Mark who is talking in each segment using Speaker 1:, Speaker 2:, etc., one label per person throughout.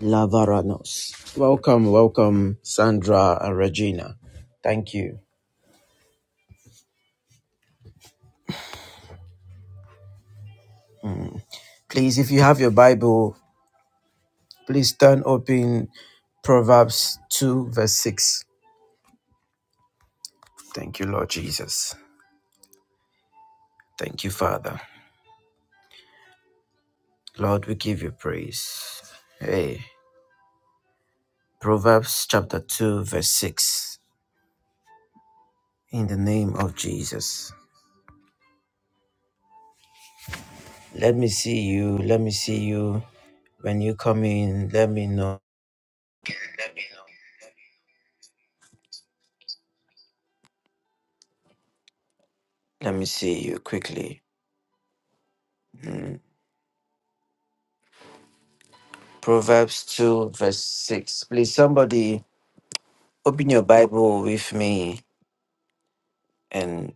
Speaker 1: Lavaranos. Welcome, welcome, Sandra and Regina. Thank you. Please, if you have your Bible, please turn open Proverbs 2, verse 6. Thank you, Lord Jesus. Thank you, Father. Lord, we give you praise. Hey, Proverbs chapter 2, verse 6. In the name of Jesus. Let me see you. Let me see you. When you come in, let me know. Let me see you quickly. Mm. Proverbs 2, verse 6. Please, somebody open your Bible with me and.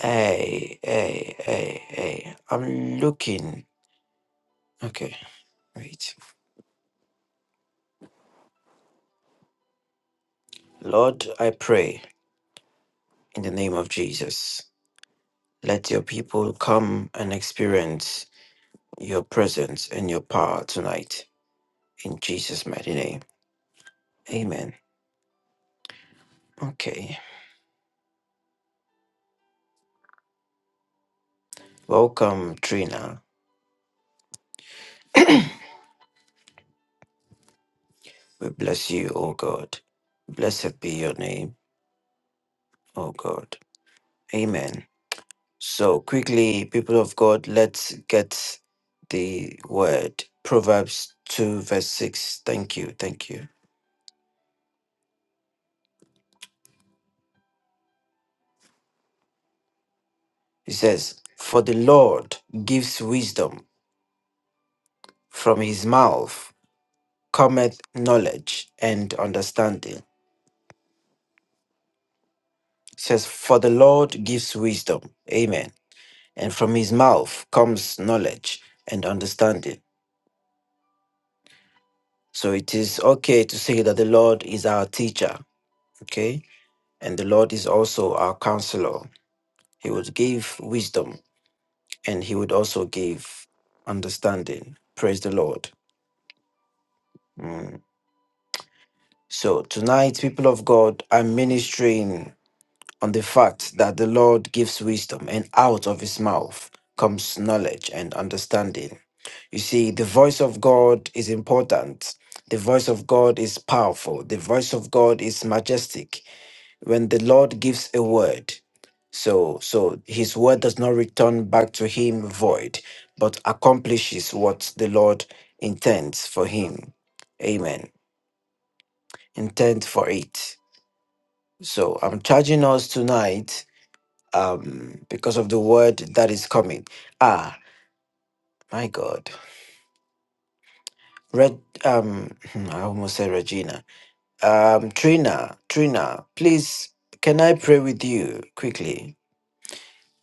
Speaker 1: Hey, hey, hey, hey. I'm looking. Okay, wait. Lord, I pray in the name of Jesus. Let your people come and experience your presence and your power tonight. In Jesus' mighty name. Amen. Okay. Welcome, Trina. We bless you, O God. Blessed be your name, O God. Amen. So, quickly, people of God, let's get the word. Proverbs 2, verse 6. Thank you. Thank you. It says, For the Lord gives wisdom, from his mouth cometh knowledge and understanding. It says, For the Lord gives wisdom. Amen. And from his mouth comes knowledge and understanding. So, it is okay to say that the Lord is our teacher. Okay. And the Lord is also our counselor He would give wisdom and he would also give understanding. Praise the Lord. Mm. So, tonight, people of God, I'm ministering on the fact that the Lord gives wisdom and out of his mouth comes knowledge and understanding. You see, the voice of God is important. The voice of God is powerful. The voice of God is majestic. when the lord gives a word so so his word does not return back to him void but accomplishes what the lord intends for him amen intent for it so i'm charging us tonight um because of the word that is coming ah my god red um hmm, i almost said regina um trina trina please can i pray with you quickly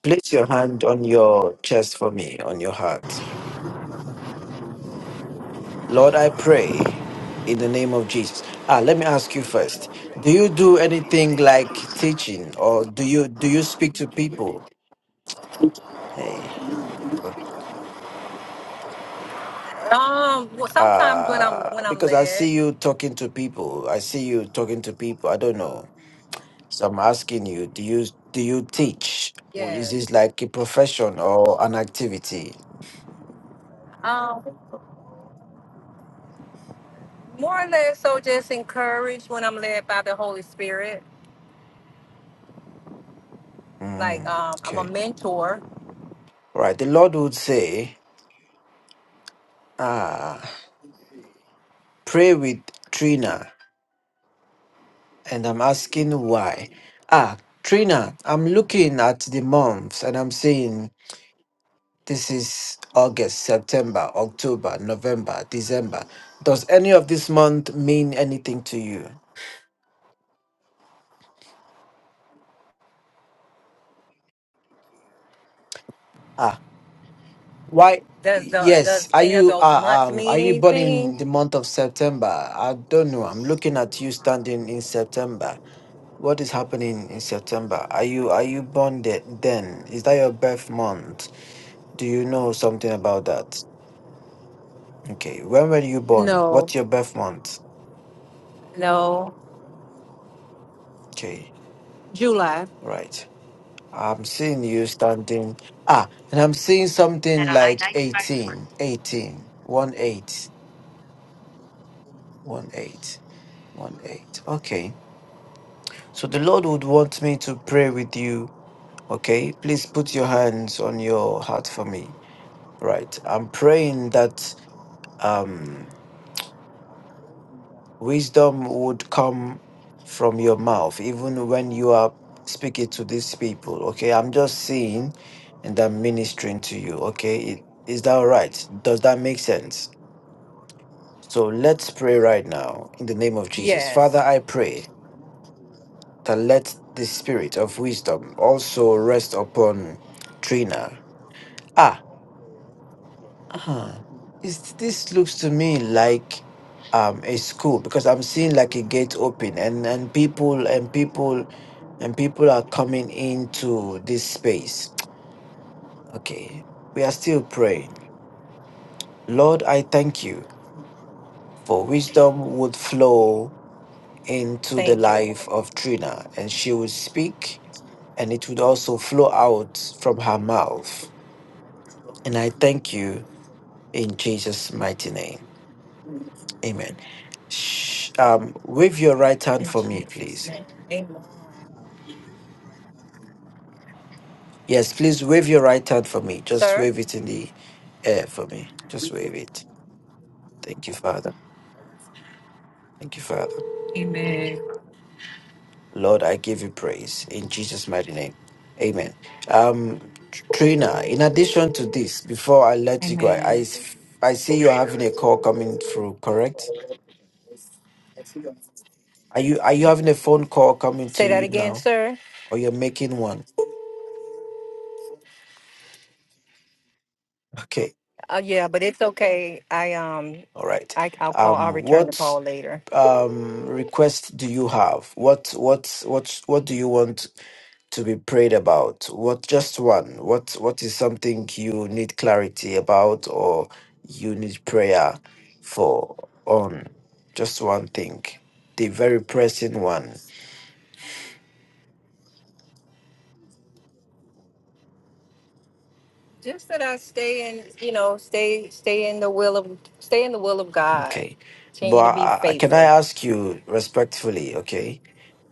Speaker 1: Place your hand on your chest for me, on your heart. Lord, I pray in the name of Jesus. Ah, let me ask you first. Do you do anything like teaching or do you do you speak to people? Hey. but,
Speaker 2: Um, well, sometimes when I'm
Speaker 1: Uh,
Speaker 2: when I'm
Speaker 1: because I
Speaker 2: led,
Speaker 1: see you talking to people. I see you talking to people. I don't know. So I'm asking you, do you do you teach? Or Is this
Speaker 2: yes.
Speaker 1: like a profession or an activity?
Speaker 2: Um, more or less, so just encouraged when I'm led by the Holy Spirit. Like,
Speaker 1: Mm,
Speaker 2: um, I'm a
Speaker 1: okay.
Speaker 2: mentor.
Speaker 1: Right. The Lord would say, ah. pray with Trina, and I'm asking why. Ah, Trina, I'm looking at the months and I'm saying this is August, September, October, November, December. Does any of this month mean anything to you? Ah, why?
Speaker 2: Does the
Speaker 1: Yes,
Speaker 2: does
Speaker 1: are
Speaker 2: any of
Speaker 1: you
Speaker 2: those
Speaker 1: uh,
Speaker 2: months
Speaker 1: um are
Speaker 2: mean
Speaker 1: you born in
Speaker 2: anything?
Speaker 1: the month of September? I don't know. I'm looking at you standing in September. What is happening in September? Are you are you born the- then? Is that your birth month? Do you know something about that? Okay. When were you born?
Speaker 2: No,
Speaker 1: What's your birth month?
Speaker 2: no.
Speaker 1: Okay.
Speaker 2: July.
Speaker 1: Right. I'm seeing you standing. Ah, and I'm seeing
Speaker 2: And
Speaker 1: something
Speaker 2: I
Speaker 1: like
Speaker 2: take back.
Speaker 1: 18, 18, 1 8, 1 8, 1 8. Okay. So the Lord would want me to pray with you. Okay. Please put your hands on your heart for me. Right. I'm praying that. um Wisdom would come from your mouth, even when you are speaking to these people. Okay, I'm just saying and I'm ministering to you. Okay, It- is that all right? Does that make sense? So let's pray right now in the name of Jesus. Father,
Speaker 2: Yes.
Speaker 1: I pray that let the spirit of wisdom also rest upon Trina. Ah, uh This, this looks to me like um a school because I'm seeing like a gate open and and people and people and people are coming into this space. Okay, we are still praying. Lord, I thank you for wisdom would flow into the
Speaker 2: Thank you, Lord.
Speaker 1: life of Trina and she would speak and it would also flow out from her mouth. And I thank you in Jesus' mighty name. Amen. Sh- Um, wave your right hand
Speaker 2: In
Speaker 1: for me,
Speaker 2: Jesus'
Speaker 1: please.
Speaker 2: name, Amen.
Speaker 1: Yes, please wave your right hand for me. Just
Speaker 2: Sir.
Speaker 1: wave it in the air for me. Just wave it. Thank you, Father. Thank you, Father.
Speaker 2: Amen.
Speaker 1: Lord, I give you praise in Jesus' mighty name. Amen. Um, Tr- Trina, in addition to this, before I let you go, I, I
Speaker 2: Amen.
Speaker 1: s- I see you're having a call coming through, correct? Are you are you having a phone call coming to
Speaker 2: Say that
Speaker 1: you
Speaker 2: again,
Speaker 1: now?
Speaker 2: sir.
Speaker 1: Or you're making one? Okay.
Speaker 2: Uh, yeah, but it's okay. I um,
Speaker 1: All right.
Speaker 2: I I'll call. I'll
Speaker 1: Um,
Speaker 2: return the
Speaker 1: what
Speaker 2: call later.
Speaker 1: um request do you have what what what what do you want to be prayed about what just one what what is something you need clarity about or you need prayer for on just one thing the very pressing one
Speaker 2: Just that I stay in, you know, stay stay in the will of stay in the will of God.
Speaker 1: okay
Speaker 2: Continue to
Speaker 1: but
Speaker 2: be
Speaker 1: uh, can i
Speaker 2: faithful.
Speaker 1: ask you respectfully okay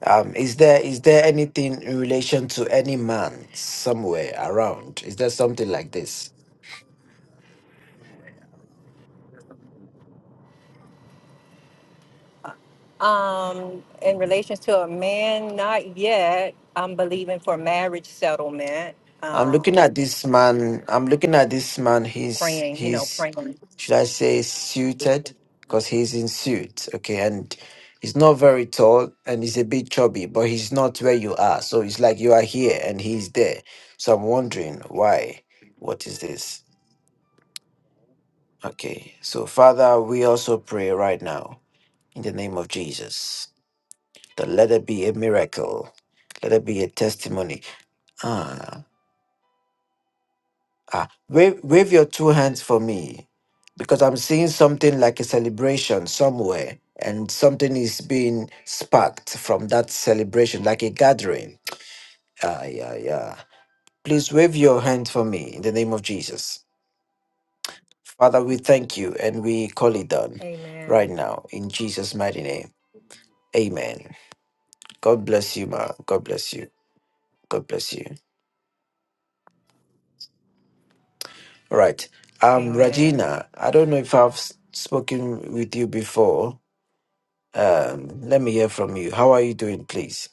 Speaker 1: um is there is there anything in relation to any man somewhere around is there something like this
Speaker 2: Um, in relations to a man, not yet. I'm believing for marriage settlement.
Speaker 1: I'm looking
Speaker 2: Um,
Speaker 1: at this man. I'm looking at this man. He's
Speaker 2: praying, you know,
Speaker 1: he's
Speaker 2: praying.
Speaker 1: should I say suited because he's in suit. Okay, and he's not very tall and he's a bit chubby, but he's not where you are. So it's like you are here and he's there. So I'm wondering why. What is this? Okay, so Father, we also pray right now in the name of Jesus that let it be a miracle, let it be a testimony. Ah. Ah, wave, wave your two hands for me because I'm seeing something like a celebration somewhere and something is being sparked from that celebration, like a gathering. Ah, yeah, yeah. Please wave your hand for me in the name of Jesus. Father, we thank you and we call it done right
Speaker 2: Amen.
Speaker 1: now in Jesus' mighty name. Amen. God bless you, ma. God bless you. God bless you. All right. Um,
Speaker 2: Amen.
Speaker 1: Regina, I don't know if I've s- spoken with you before. Um, let me hear from you. How are you doing, please?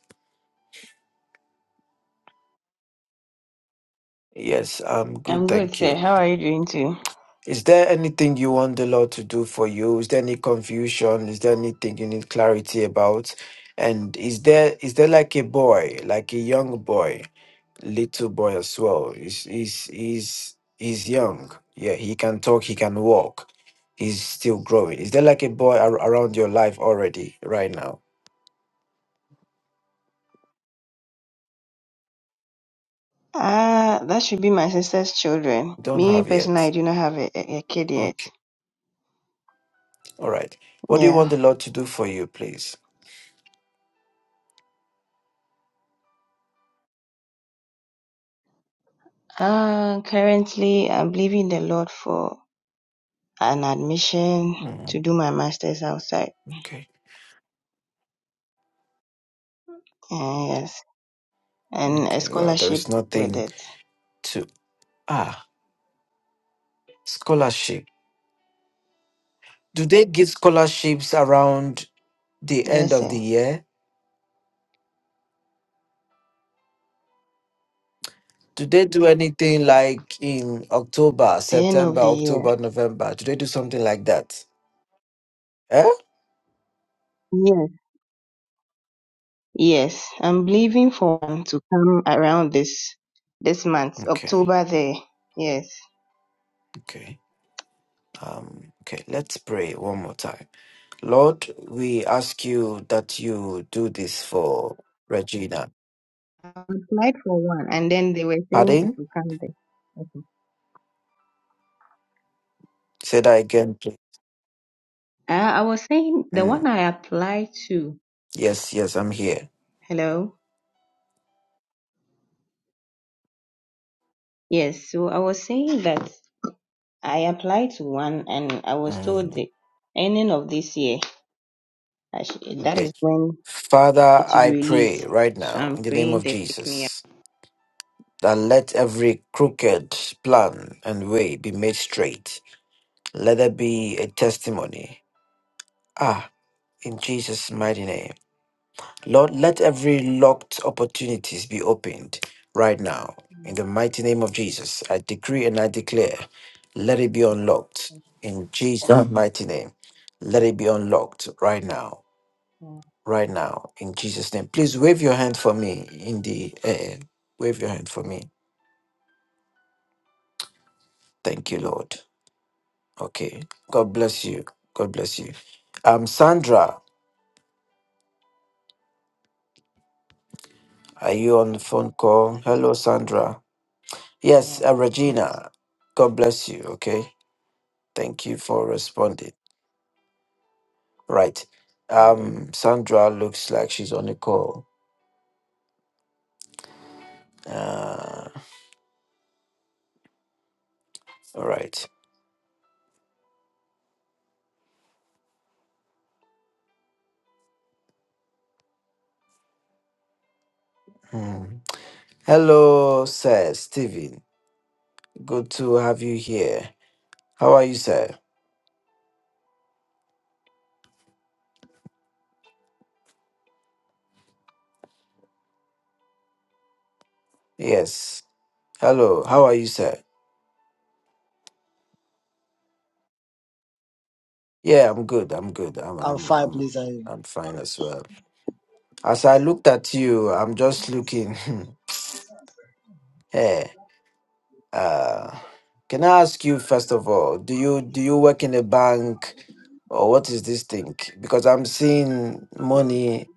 Speaker 1: Yes, I'm
Speaker 3: I'm
Speaker 1: good,
Speaker 3: good,
Speaker 1: thank
Speaker 3: sir.
Speaker 1: you.
Speaker 3: How are you doing too?
Speaker 1: Is there anything you want the Lord to do for you? Is there any confusion? Is there anything you need clarity about? And is there is there like a boy, like a young boy, little boy as well? He's he's he's he's young. Yeah, he can talk, he can walk. He's still growing. Is there like a boy ar- around your life already right now?
Speaker 3: Ah, that should be my sister's children.
Speaker 1: Don't
Speaker 3: Me
Speaker 1: have
Speaker 3: personally, I
Speaker 1: yet.
Speaker 3: do not have a, a a kid yet.
Speaker 1: Okay. All right. What do you want
Speaker 3: Yeah.
Speaker 1: the Lord to do for you, please?
Speaker 3: Uh, currently, I'm believing the Lord for an admission to
Speaker 1: Mm,
Speaker 3: do my master's outside.
Speaker 1: okay,
Speaker 3: Uh, yes. And a
Speaker 1: okay. Well, there
Speaker 3: scholarship
Speaker 1: is
Speaker 3: with
Speaker 1: nothing
Speaker 3: it.
Speaker 1: to ah scholarship. Do they give scholarships around the end
Speaker 3: Yes,
Speaker 1: of
Speaker 3: sir.
Speaker 1: the year? Do they do anything like in October,
Speaker 3: The end of
Speaker 1: September,
Speaker 3: the year.
Speaker 1: October, November? Do they do something like that? Eh?
Speaker 3: Yes. Yes. I'm believing for one to come around this, this month,
Speaker 1: Okay,
Speaker 3: October there. Yes.
Speaker 1: okay. Um, okay, let's pray one more time. Lord, we ask you that you do this for Regina.
Speaker 3: applied for one, and then they were saying it
Speaker 1: Pardon?
Speaker 3: will come there. Okay.
Speaker 1: Say that again, please.
Speaker 3: Uh, I was saying the
Speaker 1: Mm,
Speaker 3: one I applied to.
Speaker 1: yes, yes, I'm here.
Speaker 3: Hello. Yes. So I was saying that I applied to one, and I was told the
Speaker 1: Mm,
Speaker 3: ending of this year. I sh- that
Speaker 1: okay.
Speaker 3: is when
Speaker 1: Father,
Speaker 3: it will be
Speaker 1: I pray
Speaker 3: released.
Speaker 1: right
Speaker 3: So
Speaker 1: now in
Speaker 3: I'm
Speaker 1: the name
Speaker 3: praying
Speaker 1: of
Speaker 3: they pick me up.
Speaker 1: Jesus that let every crooked plan and way be made straight. Let there be a testimony. Ah, in Jesus'
Speaker 3: Yeah.
Speaker 1: mighty name. Lord, let every locked opportunities be opened right now.
Speaker 3: Yeah.
Speaker 1: In the mighty name of Jesus, I decree and I declare, let it be unlocked. In Jesus' mighty name, let it be unlocked right now.
Speaker 3: yeah,
Speaker 1: right now in Jesus' name. Please wave your hand for me in the air.
Speaker 3: yeah,
Speaker 1: Wave your hand for me. Thank you, Lord. Okay. God bless you. God bless you. Um, Sandra, are you on the phone call? Hello, Sandra. Yes,
Speaker 3: yeah.
Speaker 1: uh,
Speaker 3: Thank you, sir.
Speaker 1: Regina. God bless you. Okay. Thank you for responding. Right.
Speaker 3: God bless.
Speaker 1: Um, Sandra looks like she's on the call. Uh, all right. Hmm. Hello, sir Stephen. Good to have you here. How are you, sir? Yes. Hello. How are you, sir? Yeah, I'm good. I'm good. I'm
Speaker 4: I'm
Speaker 1: I'm
Speaker 4: fine,
Speaker 1: I'm
Speaker 4: please. Are you?
Speaker 1: I'm fine as well. As I looked at you, I'm just looking. hey, uh, can I ask you first of all, do you do you work in a bank or what is this thing? Because I'm seeing money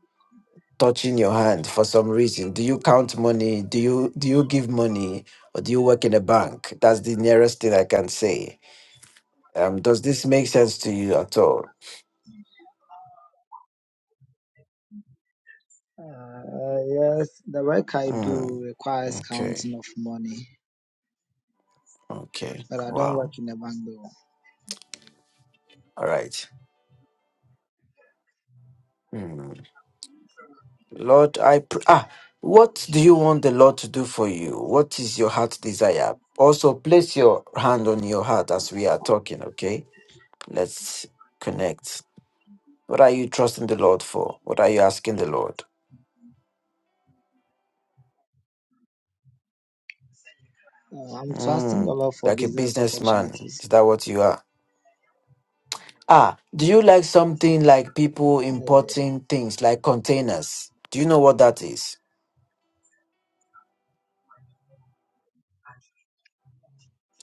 Speaker 1: touching your hand for some reason. Do you count money? Do you do you give money or do you work in a bank? That's the nearest thing I can say. Um, does this make sense to you at all?
Speaker 4: Uh, yes, the work I
Speaker 1: Mm.
Speaker 4: do requires
Speaker 1: Okay.
Speaker 4: counting of money,
Speaker 1: Okay.
Speaker 4: but I don't work
Speaker 1: Wow.
Speaker 4: in a bank though.
Speaker 1: All right. Hmm. Lord, I pr- ah, what do you want the Lord to do for you? What is your heart desire? Also, place your hand on your heart as we are talking. Okay. Let's connect. What are you trusting the Lord for? What are you asking the Lord?
Speaker 4: Uh, I'm trusting the
Speaker 1: Hmm.
Speaker 4: Lord for
Speaker 1: Like a
Speaker 4: business
Speaker 1: businessman,
Speaker 4: opportunities.
Speaker 1: is that what you are? Ah, do you like something like people
Speaker 4: Uh,
Speaker 1: importing things like containers? Do you know what that is?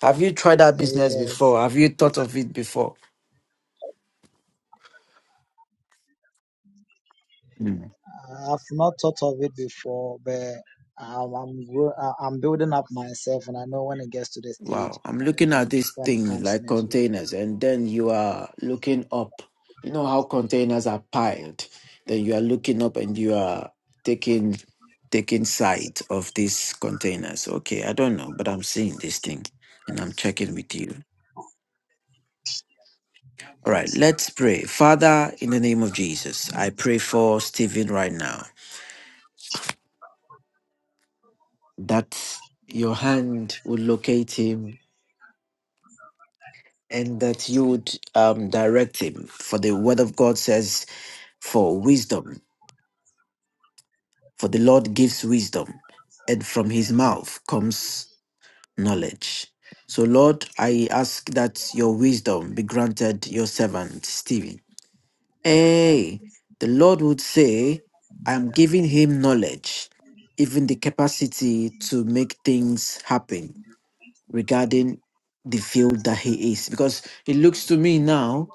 Speaker 1: Have you tried that business
Speaker 4: yes,
Speaker 1: before? Have you thought of it before? Mm.
Speaker 4: I've not thought of it before, but I'm I'm, grow, I- I'm building up myself, and I know when it gets to the stage,
Speaker 1: Wow, I'm
Speaker 4: I
Speaker 1: looking at
Speaker 4: think
Speaker 1: this
Speaker 4: when it
Speaker 1: thing
Speaker 4: comes
Speaker 1: like
Speaker 4: in it will.
Speaker 1: containers, and then you are looking up. You know how containers are piled. Then you are looking up and you are taking taking sight of these containers. Okay, I don't know, but I'm seeing this thing and I'm checking with you. All right, let's pray. Father, in the name of Jesus, I pray for Stephen right now that your hand will locate him and that you would um, direct him. For the word of God says, For wisdom, for the Lord gives wisdom, and from his mouth comes knowledge. So, Lord, I ask that your wisdom be granted your servant, Stephen. Hey, the Lord would say, I'm
Speaker 4: Uh,
Speaker 1: giving him knowledge, even the capacity to make things happen regarding the field that he is. Because it looks to me now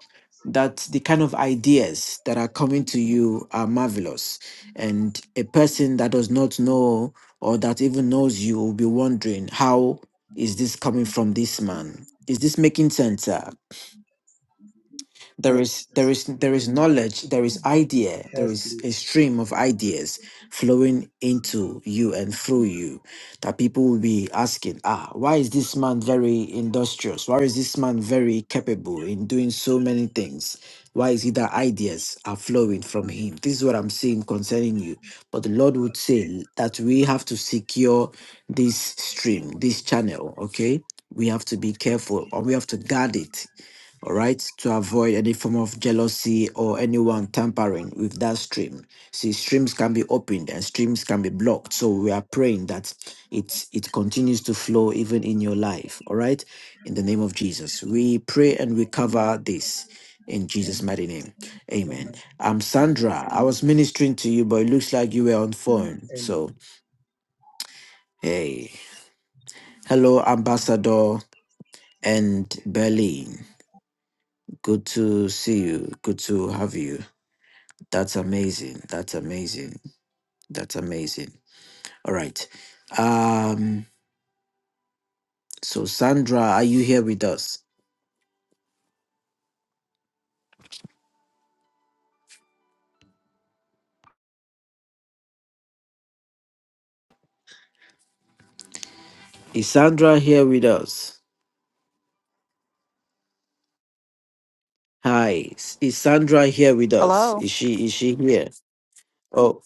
Speaker 1: that the kind of ideas that are coming to you are marvelous. And a person that does not know or that even knows you will be wondering, how is this coming from this man? Is this making sense? sir? there is there is there is knowledge there is idea there
Speaker 4: yes,
Speaker 1: is a
Speaker 4: please.
Speaker 1: stream of ideas flowing into you and through you that people will be asking ah why is this man very industrious why is this man very capable in doing so many things why is it that ideas are flowing from him this is what i'm saying concerning you but the lord would say that we have to secure this stream this channel okay we have to be careful or we have to guard it all right, to avoid any form of jealousy or anyone tampering with that stream. See, streams can be opened and streams can be blocked. So we are praying that it it continues to flow even in your life. All right, in the name of Jesus, we pray and we cover this in Jesus'
Speaker 4: Amen.
Speaker 1: mighty name. Amen.
Speaker 4: Amen.
Speaker 1: Um, Sandra, I was ministering to you, but it looks like you were on
Speaker 4: Amen.
Speaker 1: phone.
Speaker 4: Amen.
Speaker 1: So hey, hello, Ambassador and Berlin. Good to see you. Good to have you. That's amazing. That's amazing. That's amazing. All right. Um, so Sandra, are you here with us? Is Sandra here with us? Hi. s- Is Sandra here with us?
Speaker 2: Hello.
Speaker 1: Is she is she here? Oh,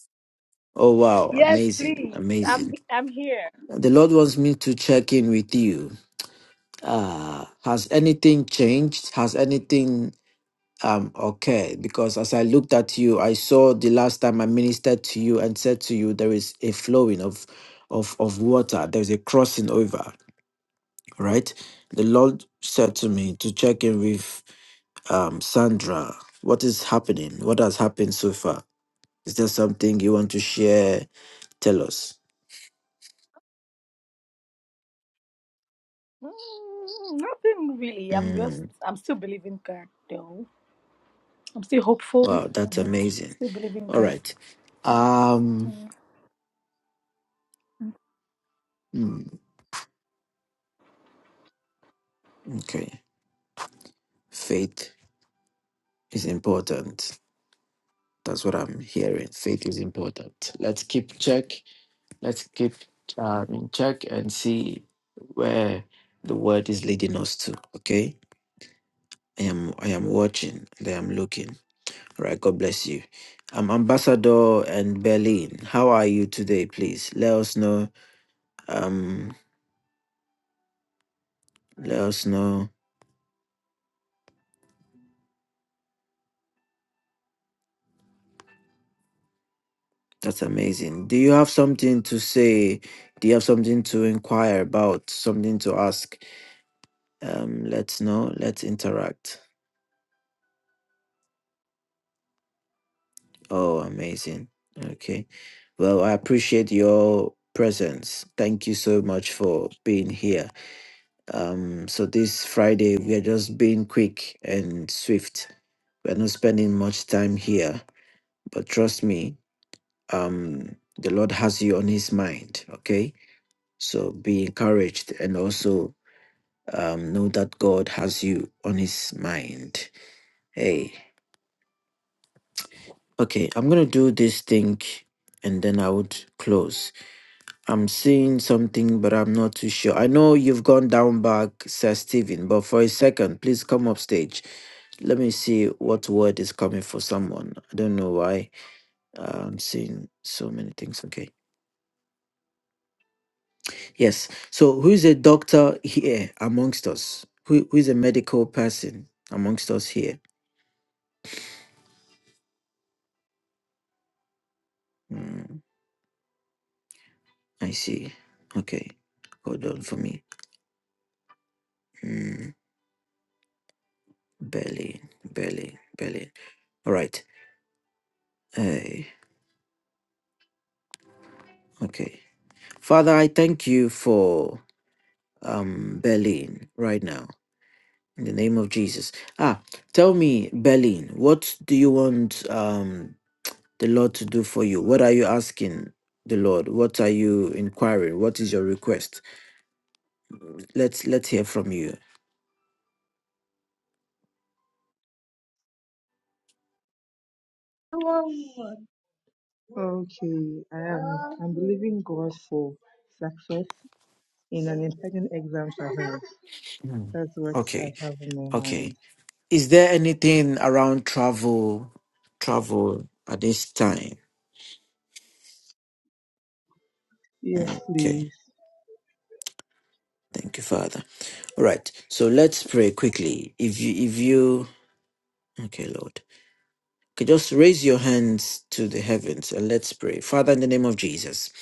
Speaker 1: oh wow,
Speaker 5: Yes,
Speaker 1: amazing,
Speaker 5: please. I'm
Speaker 1: amazing.
Speaker 5: I'm here.
Speaker 1: The Lord wants me to check in with you. Uh has anything changed? Has anything Um, okay, because as I looked at you, I saw the last time I ministered to you and said to you, there is a flowing of, of, of water. There's a crossing over, right? The Lord said to me to check in with um, Sandra. What is happening? What has happened so far? Is there something you want to share? Tell us.
Speaker 5: Mm, Nothing really. I'm just
Speaker 1: Mm,
Speaker 5: I'm still believing God though. I'm still hopeful.
Speaker 1: wow, that's
Speaker 5: Mhm.
Speaker 1: amazing.
Speaker 5: Still believing
Speaker 1: All
Speaker 5: God.
Speaker 1: right. Um,
Speaker 5: Yeah.
Speaker 1: hmm, okay. Faith is important. That's what I'm hearing. Faith is important. Let's keep check. Let's keep um, in check and see where the word is leading us to. Okay. I am I am watching and I am looking. All right, God bless you. Um Ambassador and Berlin. How are you today, please? Let us know. Um let us know. That's amazing. Do you have something to say? Do you have something to inquire about? Something to ask? Um, let's know. Let's interact. Oh, amazing. Okay. Well, I appreciate your presence. Thank you so much for being here. Um, so this Friday we are just being quick and swift. We're not spending much time here, but trust me, um, the Lord has you on his mind, okay? So be encouraged and also um, know that God has you on his mind. Hey, okay, I'm gonna do this thing and then I would close. I'm seeing something, but I'm not too sure. I know you've gone down back, Sir Stephen, but for a second, please come up stage. Let me see what word is coming for someone. I don't know why. Uh, I'm seeing so many things. Okay. Yes. So, who is a doctor here amongst us? Who, who is a medical person amongst us here? Mm, I see. Okay. Hold on for me. Mm, Berlin, Berlin, Berlin. All right. Hey, okay. Father, I thank you for um, Berlin right now. In the name of Jesus. Ah, tell me, Berlin, what do you want um, the Lord to do for you? What are you asking the Lord? What are you inquiring? What is your request? Let's let's hear from you.
Speaker 6: Okay, I am. I'm believing God for success in an important exam ahead.
Speaker 1: Mm.
Speaker 6: That's what I
Speaker 1: Okay,
Speaker 6: have in my
Speaker 1: okay.
Speaker 6: mind.
Speaker 1: Is there anything around travel, travel at this time?
Speaker 6: Yes,
Speaker 1: Mm, Okay,
Speaker 6: please.
Speaker 1: thank you, Father. All right. So let's pray quickly. If you if you okay, Lord. Okay, just raise your hands to the heavens and let's pray. Father, in the name of Jesus.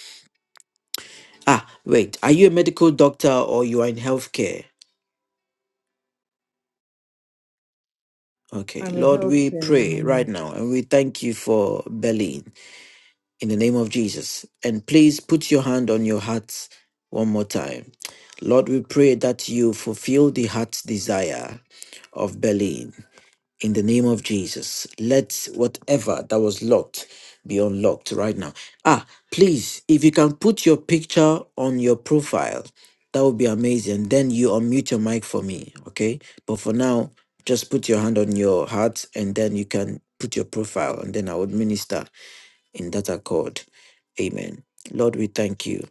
Speaker 1: Ah, wait. Are you a medical doctor or you are in healthcare? Okay,
Speaker 6: I'm a
Speaker 1: Lord, we
Speaker 6: healthcare, I'm a
Speaker 1: pray right now
Speaker 6: nurse.
Speaker 1: and we thank you for Berlin in the name of Jesus. And please put your hand on your heart one more time. Lord, we pray that you fulfill the heart's desire of Berlin. in the name of Jesus. Let whatever that was locked be unlocked right now. Ah, please, if you can put your picture on your profile, that would be amazing. Then you unmute your mic for me, okay? But for now, just put your hand on your heart and then you can put your profile and then I would minister in that accord. Amen. Lord, we thank you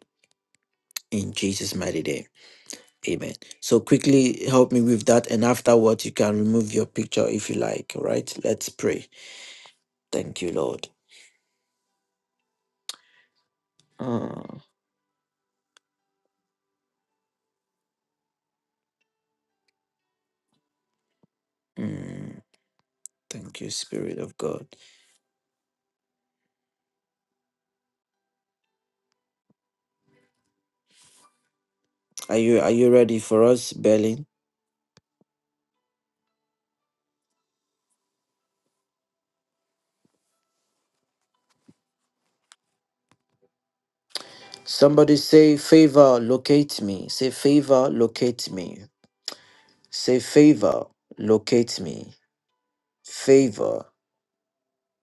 Speaker 1: in Jesus' mighty name. Amen. So quickly help me with that, and afterwards you can remove your picture if you like. All right, let's pray. Thank you, Lord. Ah, mm, thank you, Spirit of God. Are you are you ready for us, Berlin? Somebody say favor, locate me. Say favor, locate me. Say favor, locate me. Favor,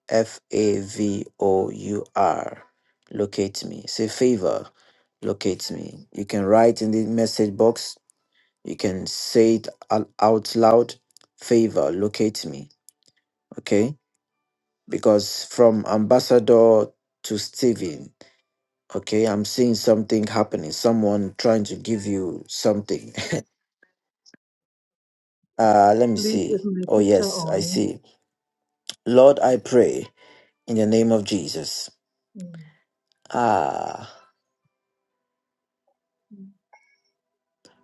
Speaker 1: F A V O U R, locate me. Say favor, locate me. You can write in the message box. You can say it al- out loud. Favor, locate me. Okay. because from ambassador to Stephen, okay, I'm seeing something happening. Someone trying to give you something. Uh, let me
Speaker 6: Please,
Speaker 1: see.
Speaker 6: is my
Speaker 1: Oh
Speaker 6: picture
Speaker 1: yes, I
Speaker 6: on?
Speaker 1: see. Lord, I pray in the name of Jesus.
Speaker 6: Mm,
Speaker 1: Ah,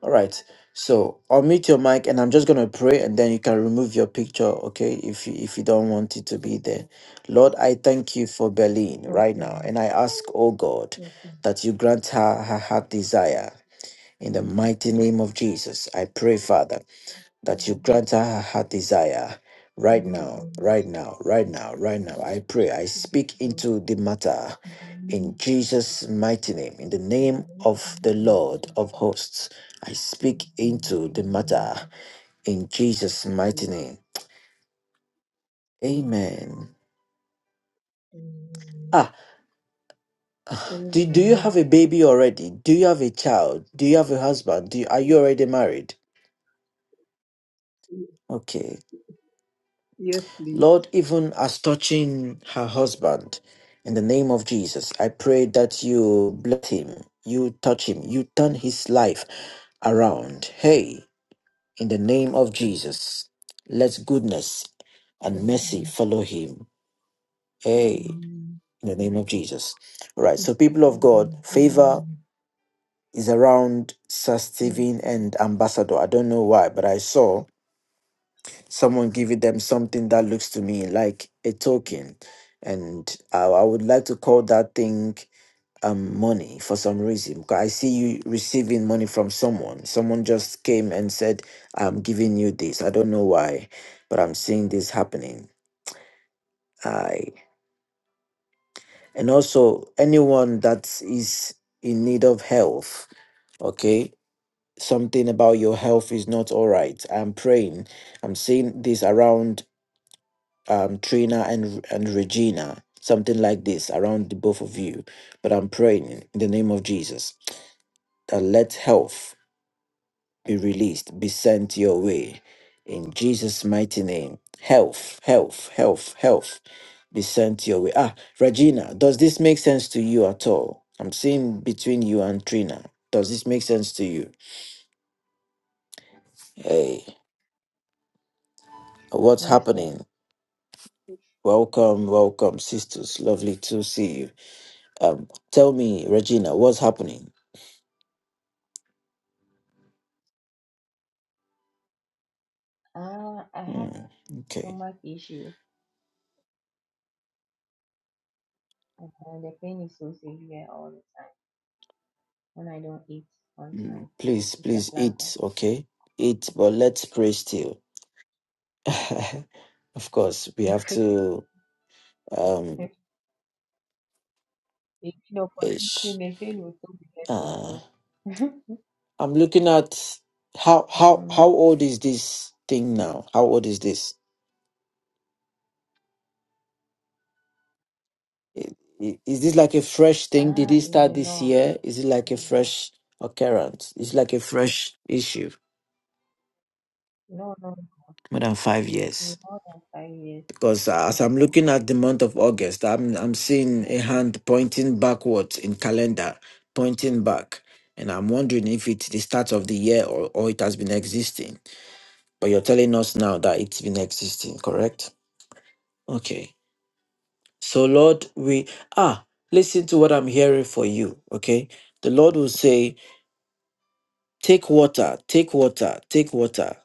Speaker 1: all right. So unmute your mic, and I'm just gonna pray, and then you can remove your picture, okay? If you, if you don't want it to be there, Lord, I thank you for Berlin right
Speaker 6: Okay,
Speaker 1: now, and I ask, oh God,
Speaker 6: okay.
Speaker 1: that you grant her her heart desire In the mighty name of Jesus, I pray, Father, that you grant her her heart desire right now,
Speaker 6: Amen.
Speaker 1: right now, right now, right now. I pray, I
Speaker 6: Thank
Speaker 1: speak
Speaker 6: God.
Speaker 1: into the matter
Speaker 6: In the name
Speaker 1: in
Speaker 6: of Jesus,
Speaker 1: Jesus' mighty name, in the
Speaker 6: in the
Speaker 1: name
Speaker 6: mighty
Speaker 1: of the
Speaker 6: name of
Speaker 1: Lord of
Speaker 6: Jesus,
Speaker 1: hosts. I speak
Speaker 6: in the
Speaker 1: into the
Speaker 6: name
Speaker 1: matter in Jesus'
Speaker 6: of
Speaker 1: mighty
Speaker 6: Jesus.
Speaker 1: name.
Speaker 6: in the name
Speaker 1: Amen.
Speaker 6: of Jesus.
Speaker 1: Ah, do, do you
Speaker 6: Amen.
Speaker 1: have a baby already? Do you have a child? Do you have a husband? Do you, are you already married?
Speaker 6: Amen.
Speaker 1: Okay.
Speaker 6: Yes, please.
Speaker 1: Lord, even as touching her husband, in the name of Jesus, I pray that you bless him, you touch him, you turn his life around. Hey, in the name of Jesus, let goodness
Speaker 6: Yeah,
Speaker 1: and mercy follow him. Hey, in the name of Jesus. All right, so people of God, favor is around Sir Stephen and Ambassador. I don't know why, but I saw. someone giving them something that looks to me like a token and i, I would like to call that thing um money for some reason because i see you receiving money from someone someone just came and said i'm giving you this i don't know why but i'm seeing this happening i and also anyone that is in need of health okay something about your health is not all right i'm praying i'm seeing this around um, Trina and and Regina, something like this around the both of you. But I'm praying in the name of Jesus that let health be released, be sent your way, in Jesus' mighty name. Health, health, health, health, be sent your way. Ah, Regina, does this make sense to you at all? I'm seeing between you and Trina. Does this make sense to you? Hey, what's
Speaker 3: Yes, sir.
Speaker 1: happening? Welcome, welcome, sisters. Lovely to see you. Um, tell me, Regina, what's happening?
Speaker 3: Uh, I have
Speaker 1: Mm, okay.
Speaker 3: stomach issue. Uh, the pain is so severe all the time. when I don't eat on
Speaker 1: Mm,
Speaker 3: time.
Speaker 1: please,
Speaker 3: It's a
Speaker 1: please
Speaker 3: clapper.
Speaker 1: eat, okay? Eat, but let's pray still. of course, we have
Speaker 3: You
Speaker 1: to. Um,
Speaker 3: queen for
Speaker 1: ish.
Speaker 3: eating, the fail will still be left
Speaker 1: Uh,
Speaker 3: himself.
Speaker 1: I'm looking at how how how
Speaker 3: mm.
Speaker 1: old is this thing now? How old is this? I- i- Is this like a fresh thing? Did
Speaker 3: Ah,
Speaker 1: it
Speaker 3: it
Speaker 1: start
Speaker 3: will
Speaker 1: this
Speaker 3: long.
Speaker 1: year? Is it like
Speaker 3: It
Speaker 1: a
Speaker 3: will long.
Speaker 1: fresh occurrence? It's like a fresh issue.
Speaker 3: No, no.
Speaker 1: More than five
Speaker 3: It has been
Speaker 1: years.
Speaker 3: more than five years.
Speaker 1: Because as I'm looking at the month of August, I'm I'm seeing a
Speaker 3: Yes, sir.
Speaker 1: hand pointing backwards in calendar, pointing back, and I'm wondering if it's the start of the year or, or it has been existing. But you're telling us now that it's been existing, correct? Okay. So Lord, we ah listen to what I'm hearing for you. Okay, the Lord will say, take water, take water, take water.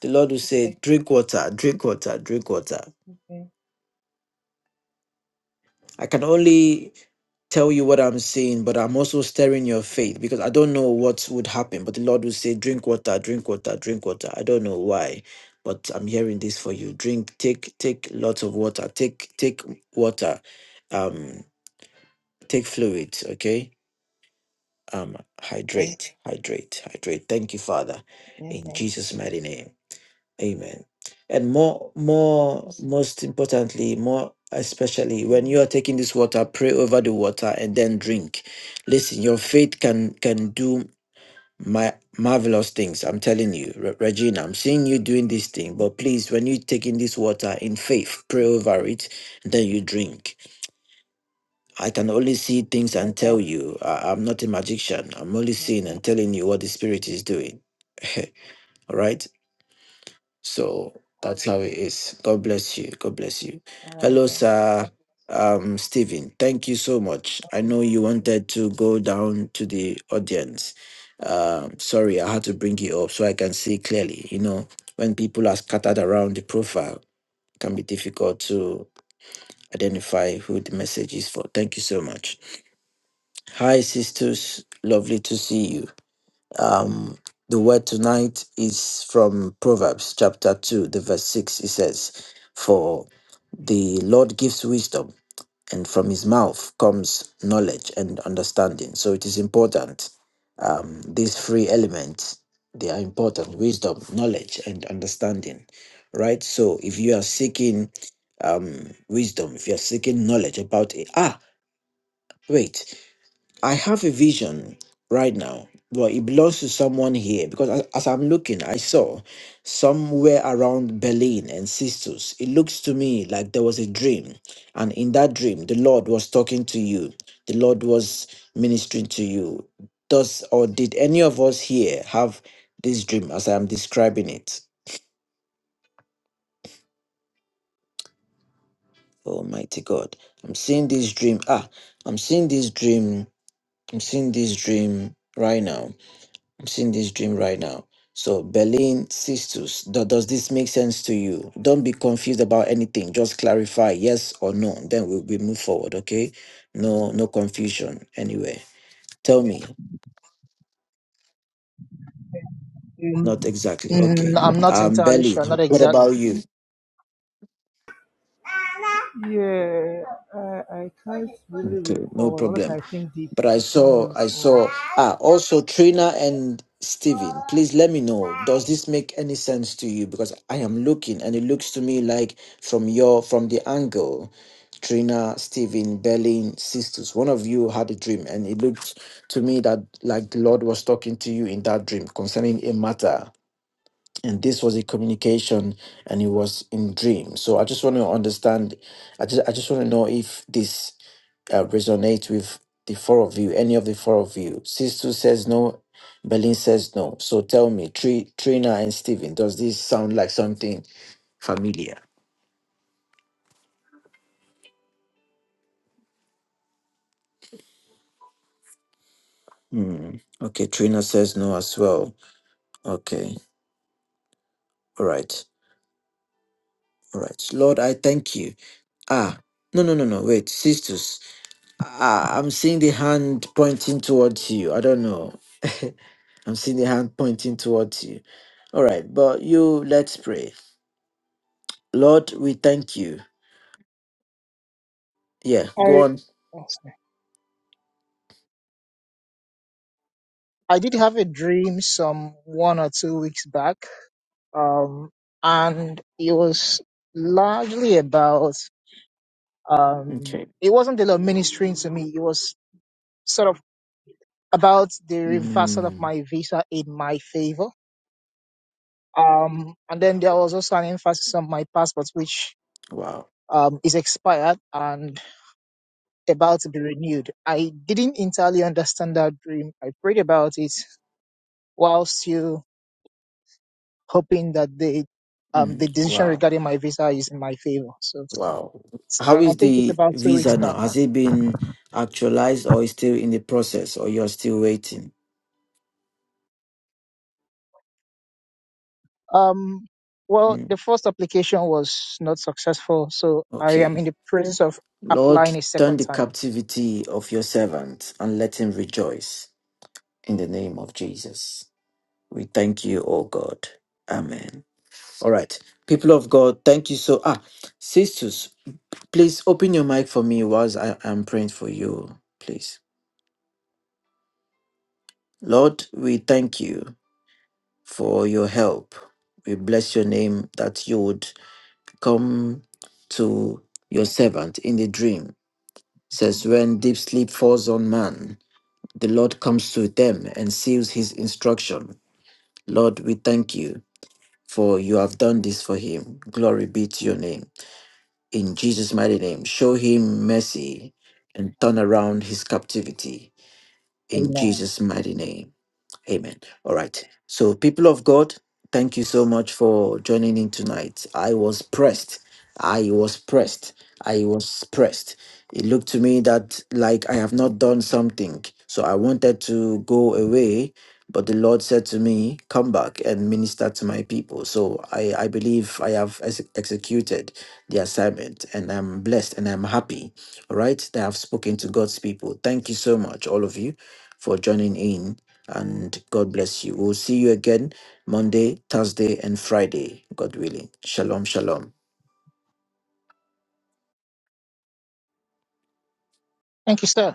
Speaker 1: The Lord will say, drink water, drink water, drink water.
Speaker 3: Okay.
Speaker 1: I can only tell you what I'm saying, but I'm also stirring your faith because I don't know what would happen. But the Lord will say, Drink water, drink water, drink water. I don't know why, but I'm hearing this for you. Drink, take, take lots of water, take, take water, um, take fluids, okay? Um, hydrate, hydrate, hydrate. Thank you, Father.
Speaker 3: Yes,
Speaker 1: In
Speaker 3: sir.
Speaker 1: Jesus' mighty name. Amen. And more, more, most importantly, more especially when
Speaker 3: Mm.
Speaker 1: you are taking this water, pray over the water and then drink. Listen, your faith can can do my marvelous things. I'm telling you, Re- Regina. I'm seeing you doing this thing, but please, when you're taking this water in faith, pray over it, and then you drink. I can only see things and tell you. I, I'm not a magician. I'm only
Speaker 3: Yes,
Speaker 1: seeing
Speaker 3: sir.
Speaker 1: and telling you what the Spirit is doing. All right. So that's how it is. God bless you. God bless you.
Speaker 3: All right,
Speaker 1: Hello,
Speaker 3: sir.
Speaker 1: sir. Um, Stephen, thank you so much.
Speaker 3: God
Speaker 1: I
Speaker 3: bless
Speaker 1: know you
Speaker 3: you.
Speaker 1: wanted to go down to the audience. Um, sorry, I had to bring you up so I can see clearly. You know, when people are scattered around the profile, it can be difficult to identify who the message is for. Thank you so much. Hi, sisters. Lovely to see you. Um, the word tonight is from Proverbs chapter 2, the verse 6. It says, For the Lord gives wisdom, and from his mouth comes knowledge and understanding. So it is important. Um, these three elements, they are important wisdom, knowledge, and understanding, right? So if you are seeking um, wisdom, if you're seeking knowledge about it, ah, wait. I have a vision right now, but it belongs to someone here because as, as I'm looking, I saw somewhere around Berlin and Sisters. It looks to me like there was a dream, and in that dream, the Lord was talking to you, the Lord was ministering to you. Does or did any of us here have this dream as I am describing it? Almighty God, I'm seeing this dream. Ah, I'm seeing this dream. I'm seeing this dream right now I'm seeing this dream right now. So Berlin Sistus, do- does this make sense to you? Don't be confused about anything. Just clarify yes or no. Then we, we move forward, okay? No, no confusion anyway. Tell me.
Speaker 7: Mm,
Speaker 1: Not exactly.
Speaker 7: mm,
Speaker 1: Okay.
Speaker 7: I'm not
Speaker 1: Um,
Speaker 7: entirely
Speaker 1: Berlin,
Speaker 7: sure, not
Speaker 1: what about
Speaker 7: exactly.
Speaker 1: you?
Speaker 6: I, I can't really
Speaker 1: Okay, no
Speaker 6: recall. Unless
Speaker 1: problem.
Speaker 6: I think deep,
Speaker 1: But I
Speaker 6: I can't really
Speaker 1: saw, I
Speaker 6: recall.
Speaker 1: saw. Ah, also Trina and Steven, please let me know. Does this make any sense to you? Because I am looking, and it looks to me like from your from the angle, Trina, Steven, Berlin, sisters, one of you had a dream, and it looked to me that like the Lord was talking to you in that dream concerning a matter and this was a communication and it was in dream so i just want to understand i just i just want to know if this uh, resonates with the four of you any of the four of you sistu says no berlin says no so tell me Tri- trina and steven does this sound like something familiar Hmm. okay trina says no as well okay all right all right lord i thank you ah no no no no wait sistu I, I'm seeing the hand pointing towards you. I don't know. I'm seeing the hand pointing towards you. All right, but you let's pray. Lord, we thank you. Yeah, go
Speaker 7: I
Speaker 1: on.
Speaker 7: I did have a dream some one or two weeks back, um, and it was largely about um,
Speaker 1: Okay.
Speaker 7: it wasn't the Lord ministering to me. It was sort of about the reversal of
Speaker 1: Mm,
Speaker 7: my visa in my favor. Um, and then there was also an emphasis on my passport, which
Speaker 1: wow.
Speaker 7: um, is expired and about to be renewed. I didn't entirely understand that dream. I prayed about it whilst you hoping that the um
Speaker 1: Mm,
Speaker 7: the decision
Speaker 1: wow.
Speaker 7: regarding my visa is in my favor. So
Speaker 1: Wow.
Speaker 7: s-
Speaker 1: How
Speaker 7: I, I
Speaker 1: is
Speaker 7: think it's
Speaker 1: the
Speaker 7: about two weeks
Speaker 1: visa
Speaker 7: back.
Speaker 1: now? Has it been actualized or is still in the process or you're still waiting?
Speaker 7: Um, well,
Speaker 1: Mm,
Speaker 7: the first application was not successful, so I am
Speaker 1: okay.
Speaker 7: in the process of
Speaker 1: Lord,
Speaker 7: applying a
Speaker 1: turn
Speaker 7: second
Speaker 1: the
Speaker 7: time.
Speaker 1: captivity of your servant and let him rejoice in the name of Jesus. We thank you, oh God. Amen. All right. People of God, thank you so ah sisters, please open your mic for me whilst I am praying for you, please. Lord, we thank you for your help. We bless your name that you would come to your servant in the dream. Says when deep sleep falls on man, the Lord comes to them and seals his instruction. Lord, we thank you for you have done this for him. Glory be to your name. in Jesus' mighty name. Show him mercy and turn around his captivity in
Speaker 7: Amen.
Speaker 1: Jesus' mighty name. Amen. All right. So, people of God, thank you so much for joining in tonight. I was pressed. I was pressed. I was pressed. It looked to me that like I have not done something. So, I wanted to go away, but the Lord said to me, Come back and minister to my people. So, I, I believe I have ex- executed the assignment and I'm blessed and I'm happy. All right. That I've spoken to God's people. Thank you so much, all of you, for joining in and God bless you. We'll see you again Monday, Thursday, and Friday, God willing. Shalom, shalom.
Speaker 7: Thank you, sir.